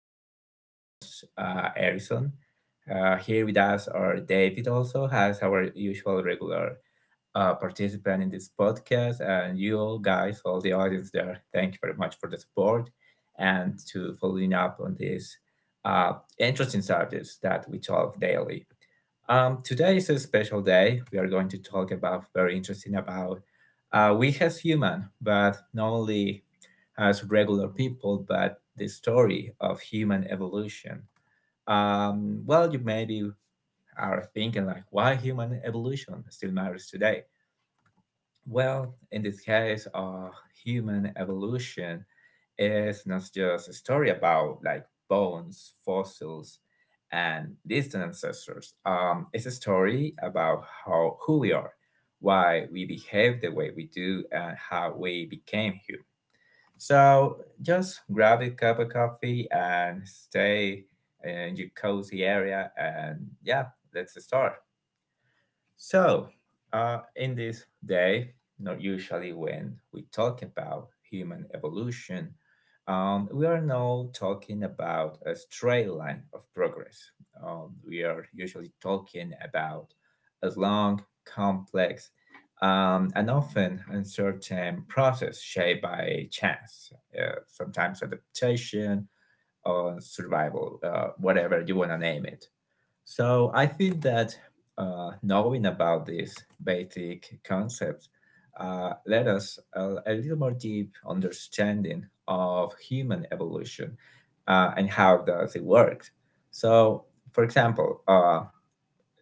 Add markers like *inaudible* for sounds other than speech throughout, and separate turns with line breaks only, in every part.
your new host, Harrison. Here with us are David, also has our usual regular participant in this podcast, and you all guys, all the audience there. Thank you very much for the support and to following up on these uh, interesting subjects that we talk daily. Today is a special day. We are going to talk about very interesting about we as human, but not only as regular people, but the story of human evolution. Well, you maybe are thinking like, why human evolution still matters today? Well, in this case, human evolution is not just a story about like bones, fossils, and distant ancestors. It's a story about how who we are, why we behave the way we do, and how we became human. So just grab a cup of coffee and stay in your cozy area, and yeah, let's start. So, in this day, not usually when we talk about human evolution, we are now talking about a straight line of progress. We are usually talking about a long, complex, and often uncertain process shaped by chance, sometimes adaptation or survival, whatever you want to name it. So I think that knowing about these basic concepts led us a little more deep understanding of human evolution and how does it work. So, for example, uh,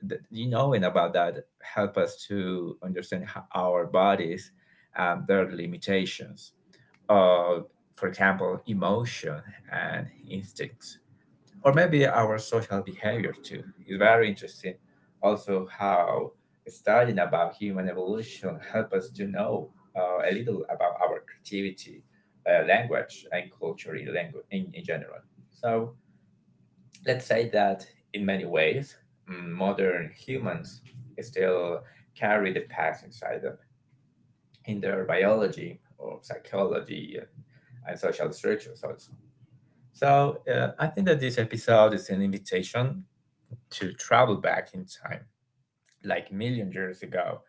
th- you knowing about that help us to understand how our bodies, their limitations, uh, for example, emotion and instincts or maybe our social behavior too. It's very interesting. Also, how studying about human evolution help us to know a little about our creativity, language, and culture in general. So, let's say that in many ways, modern humans still carry the past inside them in their biology or psychology and social structures also. So I think that this episode is an invitation to travel back in time, like million years ago,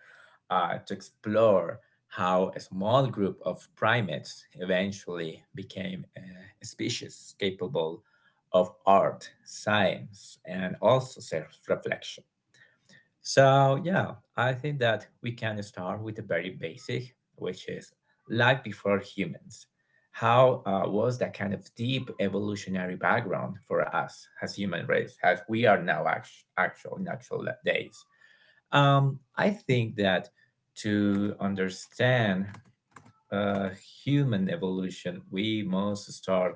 to explore how a small group of primates eventually became a species capable of art, science, and also self reflection. So, yeah, I think that we can start with the very basic, which is life before humans. How was that kind of deep evolutionary background for us as human race, as we are now actual natural days? I think that to understand uh, human evolution, we must start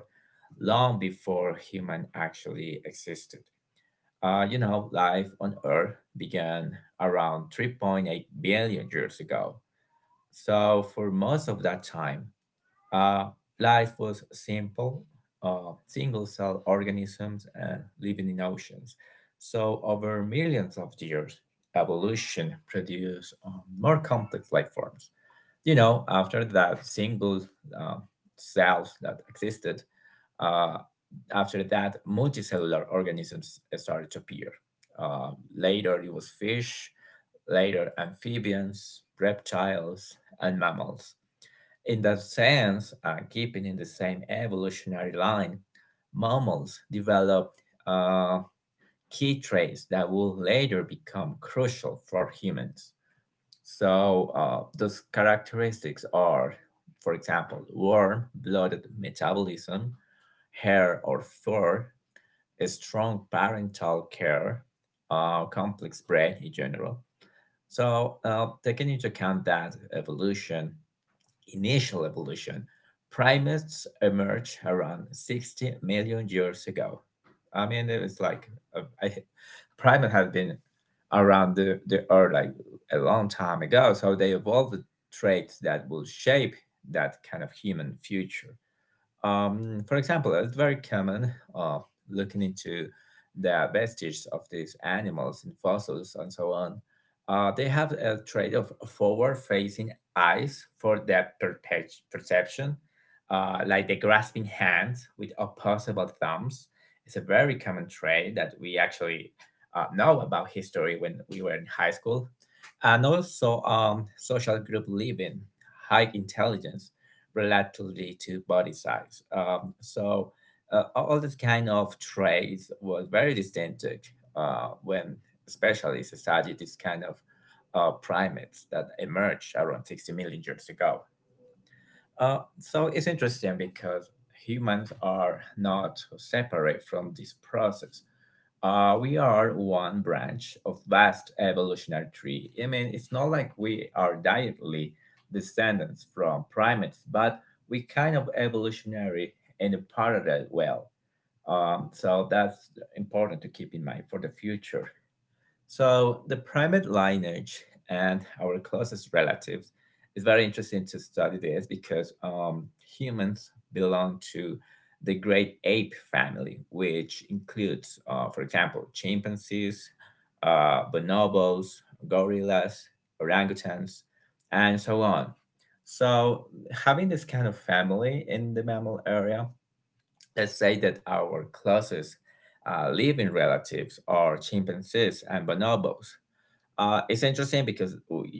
long before human actually existed. You know, life on Earth began around 3.8 billion years ago. So, for most of that time, uh, life was simple, single cell organisms and living in oceans. So, over millions of years, evolution produced more complex life forms. You know, after that, single uh, cells that existed uh, after that, multicellular organisms started to appear. Uh, later, it was fish, later, amphibians, reptiles, and mammals. In that sense, keeping in the same evolutionary line, mammals developed uh, key traits that will later become crucial for humans. So, those characteristics are, for example, warm blooded metabolism, hair or fur, a strong parental care, complex brain in general. So, taking into account that evolution, initial evolution, primates emerged around 60 million years ago. I mean, it's like uh, I, primate have been around the earth like a long time ago, so they evolved traits that will shape that kind of human future. For example, it's very common looking into the vestiges of these animals in fossils and so on. They have a trait of forward-facing eyes for perception, like the grasping hands with opposable thumbs. It's a very common trait that we actually know about history when we were in high school, and also social group living, high intelligence relatively to body size. So all this kind of traits was very distinctive when especially studied this kind of primates that emerged around 60 million years ago. So it's interesting because humans are not separate from this process we are one branch of vast evolutionary tree. I mean, it's not like we are directly descendants from primates, but we kind of evolutionary in a parallel well. So that's important to keep in mind for the future. So the primate lineage and our closest relatives is very interesting to study this because humans belong to the great ape family, which includes, for example, chimpanzees, bonobos, gorillas, orangutans, and so on. So having this kind of family in the mammal area, let's say that our closest living relatives are chimpanzees and bonobos. It's interesting because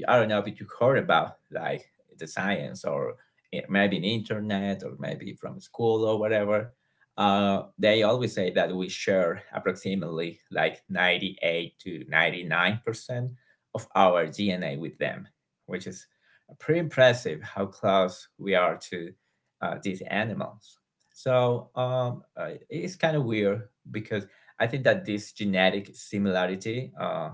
I don't know if you heard about like the science or maybe in internet or maybe from school or whatever. They always say that we share approximately like 98 to 99% of our DNA with them, which is pretty impressive how close we are to these animals. So it's kind of weird because I think that this genetic similarity uh,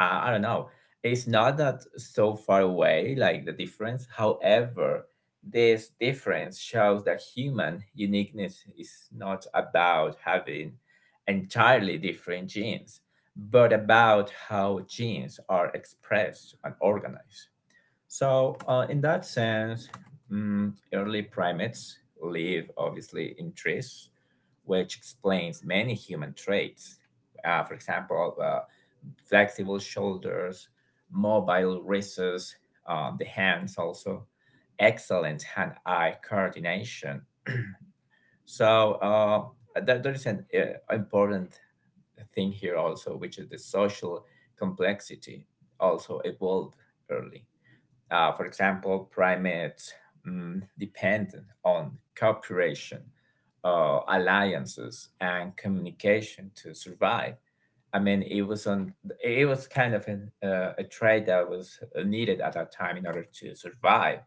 I, I don't know. It's not that so far away, like the difference. However, this difference shows that human uniqueness is not about having entirely different genes, but about how genes are expressed and organized. So, in that sense, early primates live obviously in trees, which explains many human traits. For example, flexible shoulders, mobile wrists, the hands also, excellent hand eye coordination. So, there is an important thing here also, which is the social complexity also evolved early. For example, primates depend on cooperation, alliances, and communication to survive. I mean, it was on. It was kind of a trait that was needed at that time in order to survive.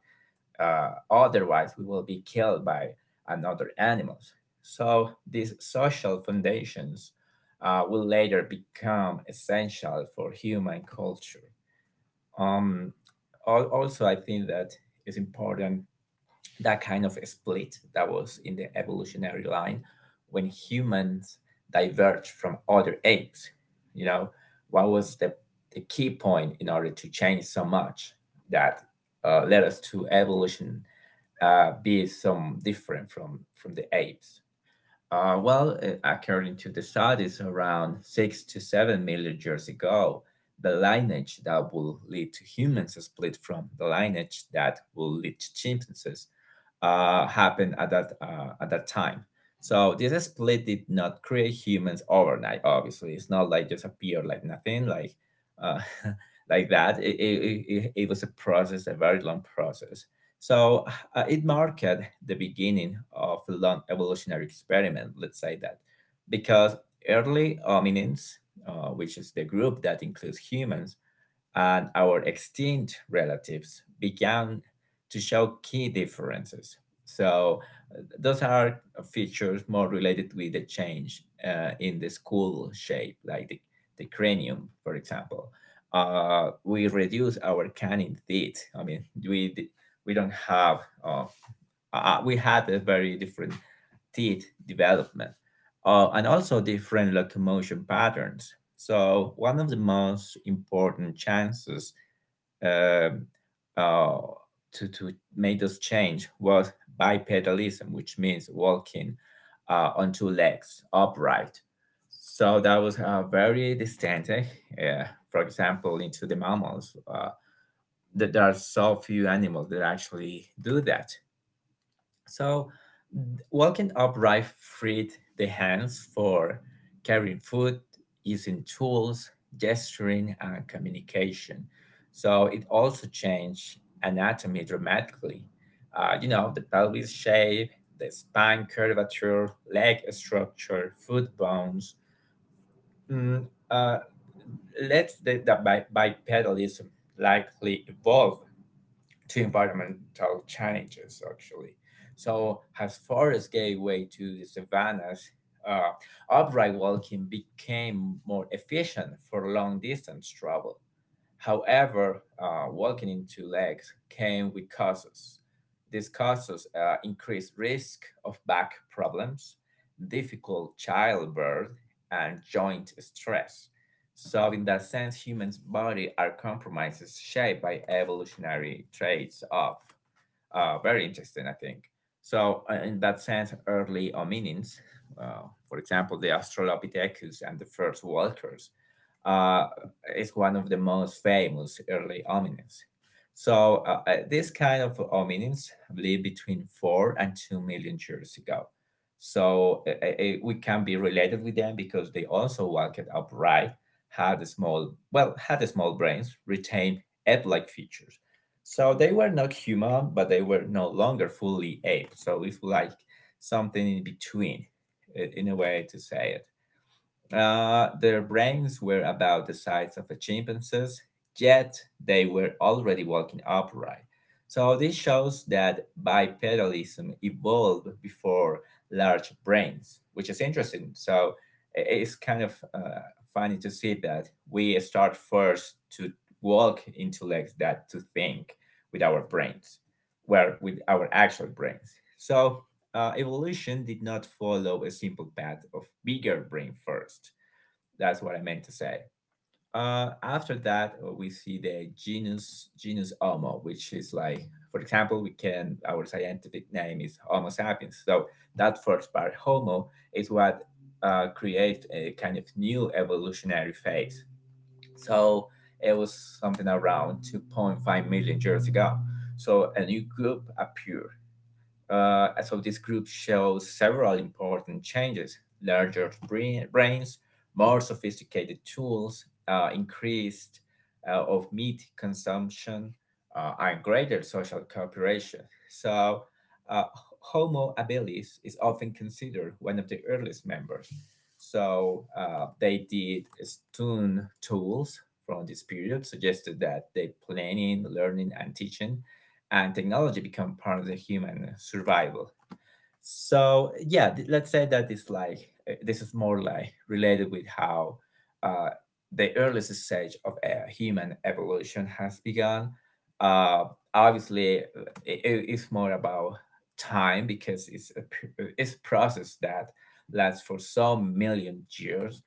Otherwise, we will be killed by another animals. So these social foundations will later become essential for human culture. Um, also, I think that it's important that kind of split that was in the evolutionary line when humans diverged from other apes. You know, what was the key point in order to change so much that led us to evolution be some different from the apes? Well, according to the studies, around 6 to 7 million years ago, the lineage that will lead to humans split from the lineage that will lead to chimpanzees happened at that time. So this split did not create humans overnight. Obviously, it's not like just appear like nothing like uh, *laughs* like that. Was a process, a very long process. So it marked the beginning of a long evolutionary experiment. Let's say that because early hominins, which is the group that includes humans, and our extinct relatives began to show key differences. So, those are features more related with the change in the skull shape, like the cranium, for example. We reduce our canine teeth. I mean, we d- we don't have uh, we had a very different teeth development and also different locomotion patterns. So one of the most important chances um uh, to make this change was bipedalism, which means walking on two legs upright. So that was very distinctive. Uh, for example, into the mammals, that there are so few animals that actually do that. So, walking upright freed the hands for carrying food, using tools, gesturing, and communication. So, it also changed anatomy dramatically. You know, the pelvis shape, the spine curvature, leg structure, foot bones. Mm, uh, let the bipedalism likely evolve to environmental changes actually. So as forests gave way to the savannas, uh, upright walking became more efficient for long distance travel. However, walking in two legs came with causes. These causes increased risk of back problems, difficult childbirth, and joint stress. So, in that sense, humans' body are compromises shaped by evolutionary traits of very interesting, I think. So, in that sense, early hominins, uh, for example, the Australopithecus and the first walkers, uh, is one of the most famous early hominins. So this kind of hominins lived between 4 and 2 million years ago. So we can be related with them because they also walked upright, had a small, well, had a small brains, retained ape-like features. So they were not human, but they were no longer fully ape. So it's like something in between, in a way to say it. Their brains were about the size of a chimpanzee's, yet they were already walking upright. So this shows that bipedalism evolved before large brains, which is interesting. So it's kind of funny to see that we start first to walk into legs that to think with our brains, where with our actual brains. So evolution did not follow a simple path of bigger brain first. That's what I meant to say. After that, we see the genus Homo, which is like, for example, we can our scientific name is Homo sapiens. So that first part, Homo, is what creates a kind of new evolutionary phase. So it was something around 2.5 million years ago. So a new group appeared, so this group shows several important changes: brains, more sophisticated tools, increased of meat consumption, and greater social cooperation. So, uh, Homo habilis is often considered one of the earliest members. So they did stone tools from this period, suggested that they planning, learning, and teaching and technology become part of the human survival. So yeah, let's say that it's like this is more like related with how uh, the earliest stage of human evolution has begun. Uh, obviously, it's more about time because it's a process that lasts for so million years,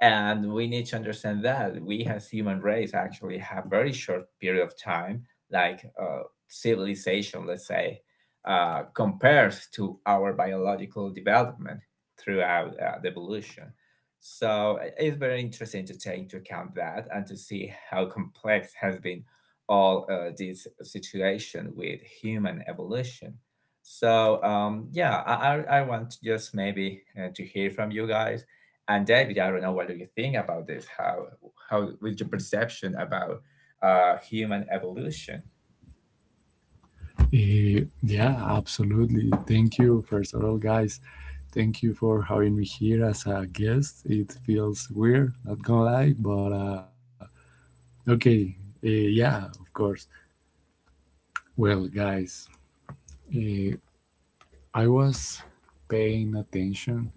and we need to understand that we as human race actually have very short period of time, like civilization, let's say, compares to our biological development throughout the evolution. So it's very interesting to take into account that and to see how complex has been all this situation with human evolution. So yeah, I want to just maybe to hear from you guys. And David, I don't know, what do you think about this? How with your perception about human evolution?
Yeah, absolutely. Thank you, first of all, guys. Thank you for having me here as a guest. It feels weird, not gonna lie, but okay. Yeah, of course. Well, guys, eh, I was paying attention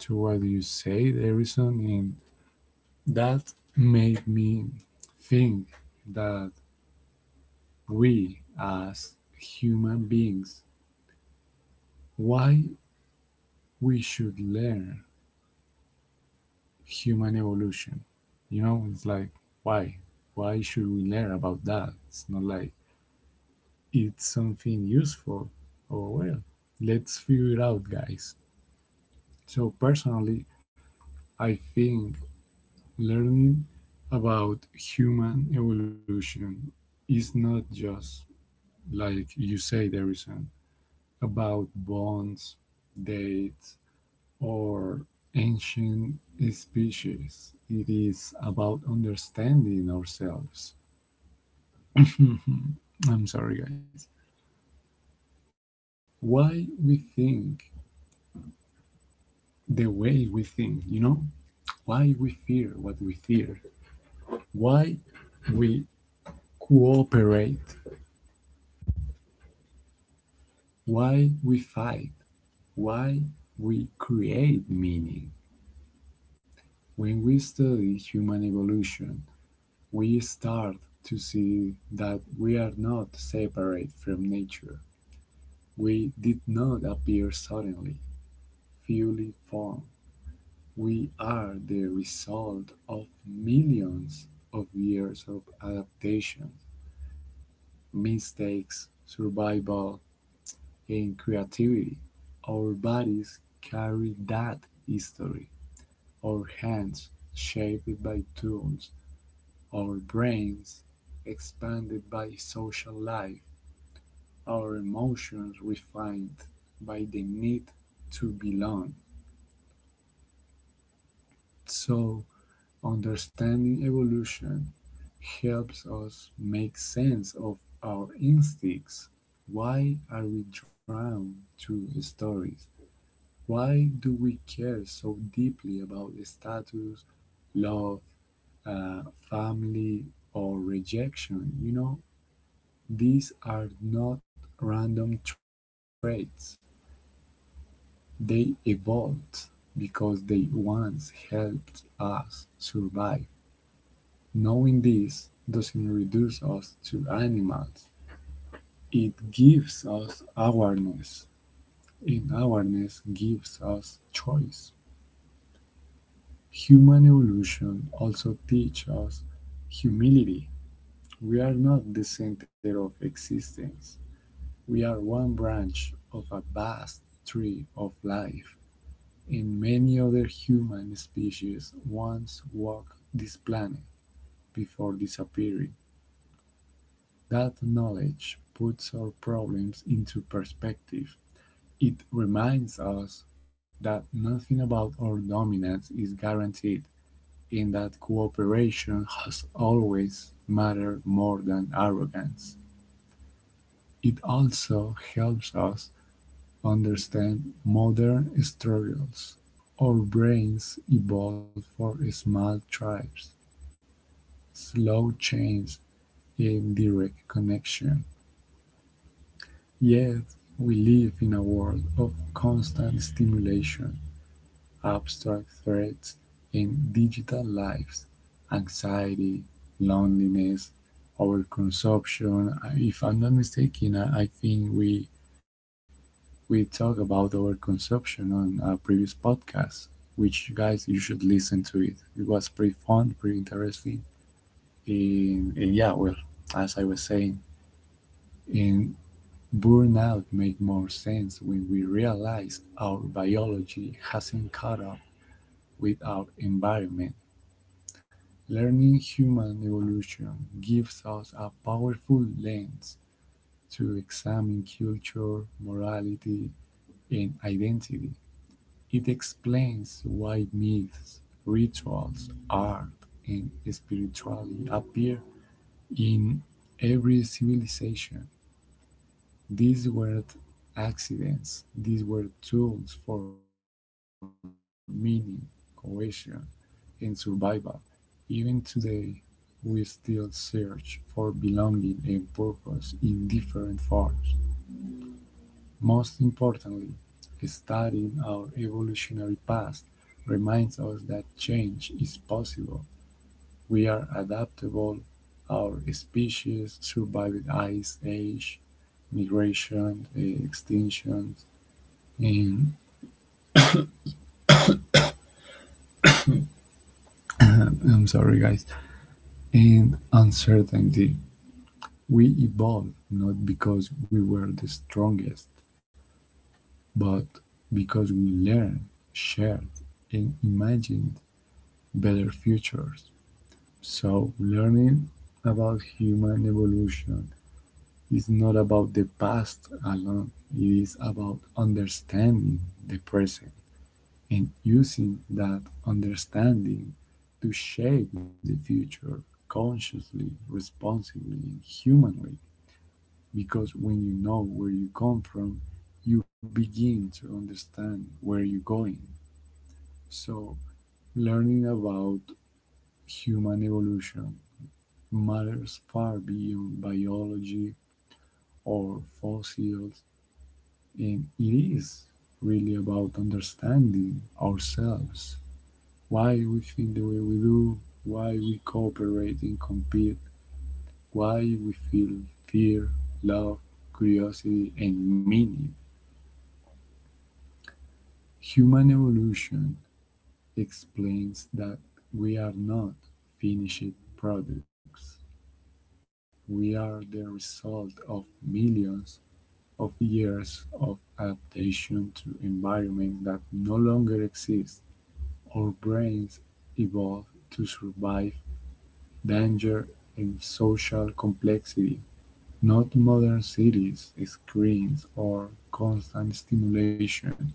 to what you say, the reason, and that made me think that we, as human beings, why we should learn human evolution. You know, it's like why? Why should we learn about that? It's not like it's something useful or well, let's figure it out guys. So personally I think learning about human evolution is not just like you say there is an about bonds, dates or ancient species. It is about understanding ourselves *laughs* i I'm sorry, guys. Why we think the way we think, you know? Why we fear what we fear? Why we cooperate? Why we fight? Why we create meaning? When we study human evolution, we start to see that we are not separate from nature. We did not appear suddenly, fully formed. We are the result of millions of years of adaptation, mistakes, survival, and creativity. Our bodies carry that history. Our hands, shaped by tools, our brains, expanded by social life, our emotions refined by the need to belong. So, understanding evolution helps us make sense of our instincts. Why are we drawn to stories? Why do we care so deeply about status, love, uh, family, or rejection? You know, these are not random traits. They evolved because they once helped us survive. Knowing this doesn't reduce us to animals, it gives us awareness, and awareness gives us choice. Human evolution also teaches us humility. We are not the center of existence, we are one branch of a vast tree of life, and many other human species once walked this planet before disappearing. That knowledge puts our problems into perspective. It reminds us that nothing about our dominance is guaranteed and that cooperation has always mattered more than arrogance. It also helps us understand modern struggles. Our brains evolved for small tribes, slow chains, and direct connection. Yet we live in a world of constant stimulation, abstract threats and digital lives, anxiety, loneliness, overconsumption. If I'm not mistaken, I think we talked about overconsumption on a previous podcast, which you guys you should listen to it. It was pretty fun, pretty interesting, and yeah, well, as I was saying, and burnout makes more sense when we realize our biology hasn't caught up with our environment. Learning human evolution gives us a powerful lens to examine culture, morality, and identity. It explains why myths, rituals, art, and spirituality appear in every civilization. These weren't accidents, these were tools for meaning, cohesion, and survival. Even today, we still search for belonging and purpose in different forms. Most importantly, studying our evolutionary past reminds us that change is possible, we are adaptable. Our species survived ice age, migration, extinction, and *clears throat* I'm sorry, guys, and uncertainty. We evolved not because we were the strongest, but because we learned, shared, and imagined better futures. So, learning about human evolution, it's not about the past alone, it is about understanding the present and using that understanding to shape the future consciously, responsibly, and humanly. Because when you know where you come from, you begin to understand where you're going. So, learning about human evolution matters far beyond biology or fossils. And it is really about understanding ourselves, why we think the way we do, why we cooperate and compete, why we feel fear, love, curiosity, and meaning. Human evolution explains that we are not finished products. We are the result of millions of years of adaptation to environment that no longer exists. Our brains evolved to survive danger and social complexity, not modern cities, screens, or constant stimulation.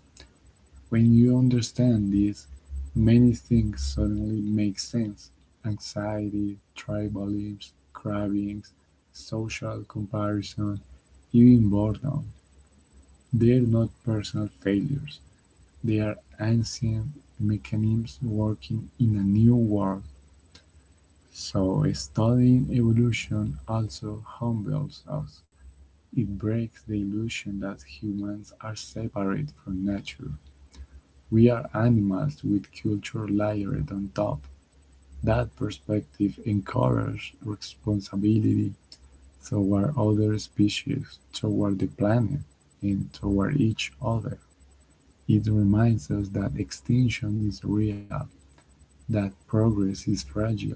When you understand this, many things suddenly make sense. Anxiety, tribalism, cravings, social comparison, even boredom. They are not personal failures. They are ancient mechanisms working in a new world. So studying evolution also humbles us. It breaks the illusion that humans are separate from nature. We are animals with culture layered on top. That perspective encourages responsibility toward other species, toward the planet, and toward each other. It reminds us that extinction is real, that progress is fragile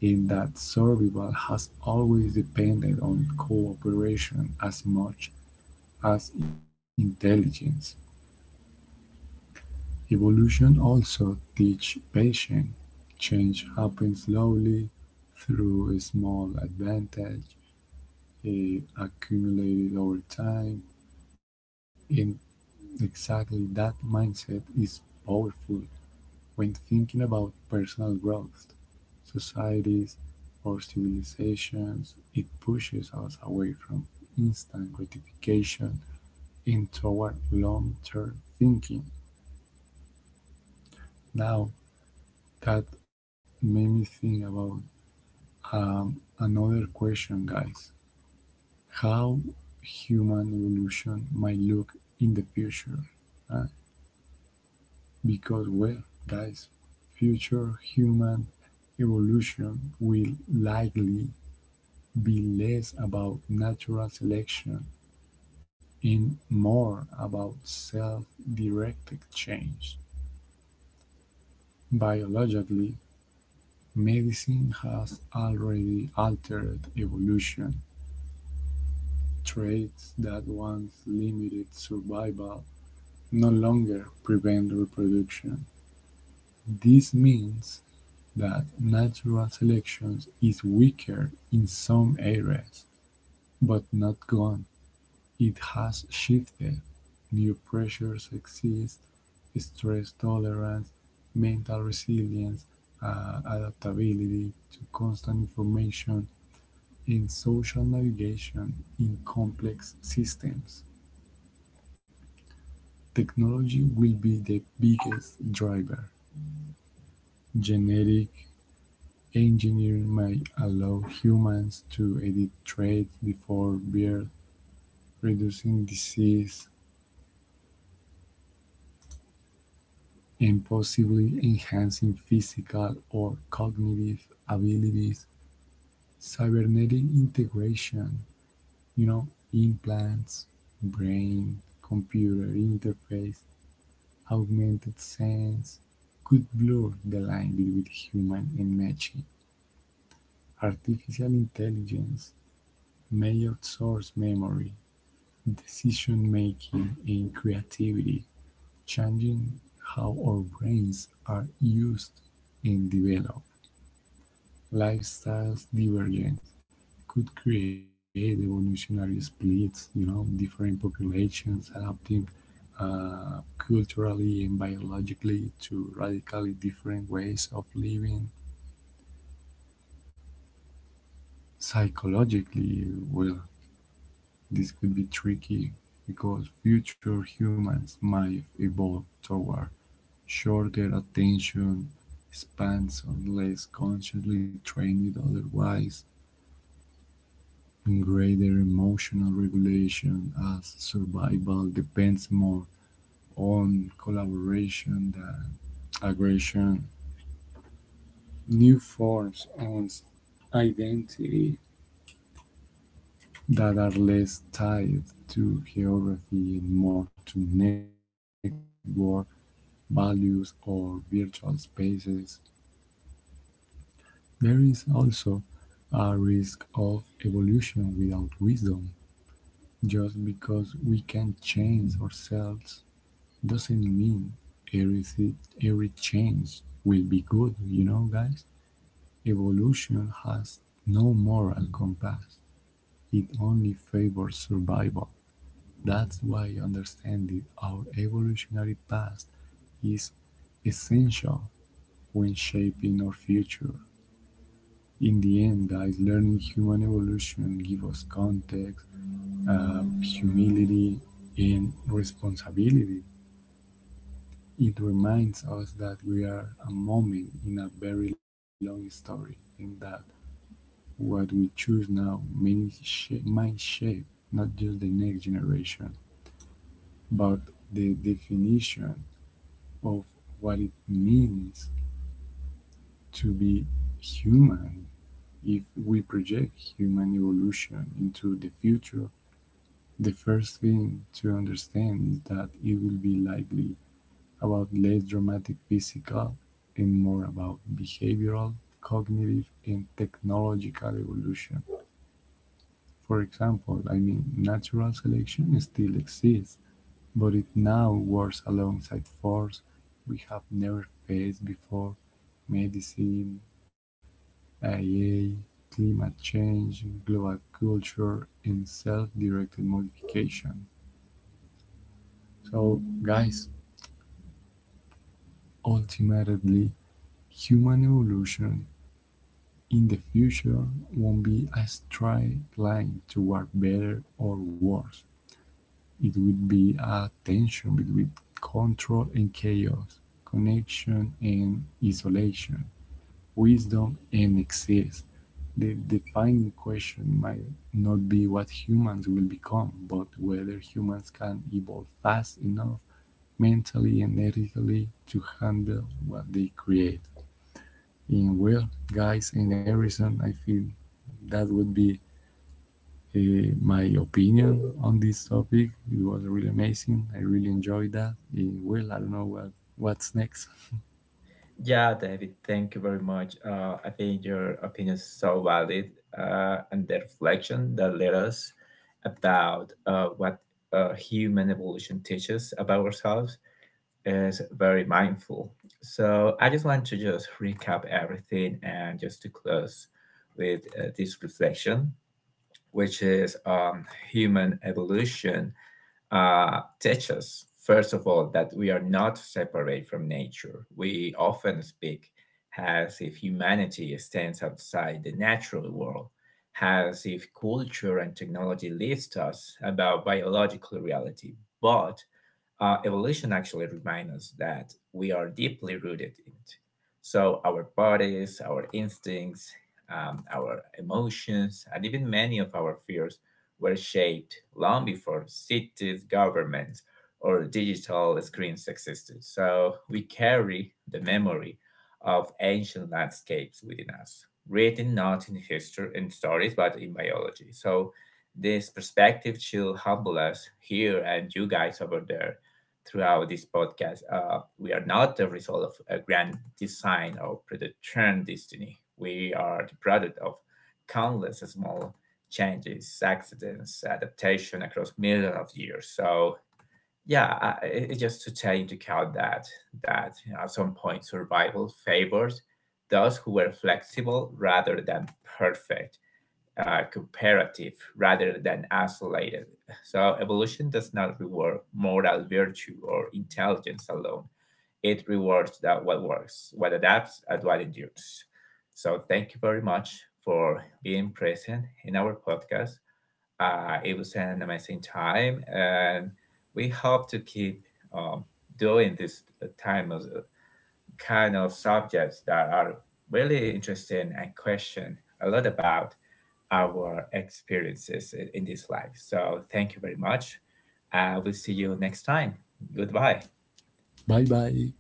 in that survival has always depended on cooperation as much as intelligence. Evolution also teaches patience. Change happens slowly through a small advantage accumulated over time. And exactly that mindset is powerful when thinking about personal growth, societies or civilizations. It pushes us away from instant gratification and toward long term thinking. Now, that made me think about another question, guys, how human evolution might look in the future. uh, because, well, guys, future human evolution will likely be less about natural selection in more about self-directed change. Biologically, medicine has already altered evolution. Traits that once limited survival no longer prevent reproduction. This means that natural selection is weaker in some areas, but not gone. It has shifted, new pressures exist, stress tolerance, mental resilience, adaptability to constant information, and social navigation in complex systems. Technology will be the biggest driver. Genetic engineering may allow humans to edit traits before birth, reducing disease and possibly enhancing physical or cognitive abilities, cybernetic integration, you know, implants, brain, computer interface, augmented sense could blur the line between human and machine. Artificial intelligence may outsource memory, decision making, and creativity, changing how our brains are used and developed. Lifestyles divergent could create evolutionary splits, you know, different populations adapting culturally and biologically to radically different ways of living. Psychologically, well, this could be tricky because future humans might evolve toward shorter attention spans unless consciously trained otherwise, and greater emotional regulation as survival depends more on collaboration than aggression. New forms of identity that are less tied to geography and more to network values or virtual spaces. There is also a risk of evolution without wisdom. Just because we can change ourselves doesn't mean everything every change will be good, you know guys. Evolution has no moral compass, it only favors survival. That's why understanding our evolutionary past is essential when shaping our future. In the end guys, learning human evolution gives us context, humility and responsibility. It reminds us that we are a moment in a very long story, and that what we choose now might shape not just the next generation, but the definition of what it means to be human. If we project human evolution into the future, the first thing to understand is that it will be likely about less dramatic physical and more about behavioral, cognitive, and technological evolution. For example, I mean, natural selection still exists, but it now works alongside force we have never faced before, medicine, AI, climate change, global culture, and self directed modification. So, guys, ultimately, human evolution in the future won't be a straight line toward better or worse. It will be a tension between control and chaos, connection and isolation, wisdom and excess. The defining question might not be what humans will become, but whether humans can evolve fast enough mentally and ethically to handle what they create. And well, guys, in everything, I feel that would be my opinion on this topic. It was really amazing. I really enjoyed that. Well, I don't know what's next.
Yeah, David, thank you very much. I think your opinion is so valid, and the reflection that led us about what human evolution teaches about ourselves is very mindful. So I just want to just recap everything and just to close with this reflection, which is human evolution teach us, first of all, that we are not separate from nature. We often speak as if humanity stands outside the natural world, as if culture and technology leaves us about biological reality. But evolution actually reminds us that we are deeply rooted in it. So our bodies, our instincts, our emotions, and even many of our fears were shaped long before cities, governments, or digital screens existed. So we carry the memory of ancient landscapes within us, written not in history and stories, but in biology. So this perspective should humble us here and you guys over there throughout this podcast. We are not the result of a grand design or predetermined destiny. We are the product of countless small changes, accidents, adaptation across millions of years. So yeah, it's just to take into account that, that you know at some point survival favors those who were flexible rather than perfect, cooperative rather than isolated. So, evolution does not reward moral virtue or intelligence alone. It rewards that what works, what adapts, and what endures. So, thank you very much for being present in our podcast. It was an amazing time, and we hope to keep um, doing this time of kind of subjects that are really interesting and question a lot about our experiences in this life. So thank you very much. We'll see you next time. Goodbye.
Bye bye.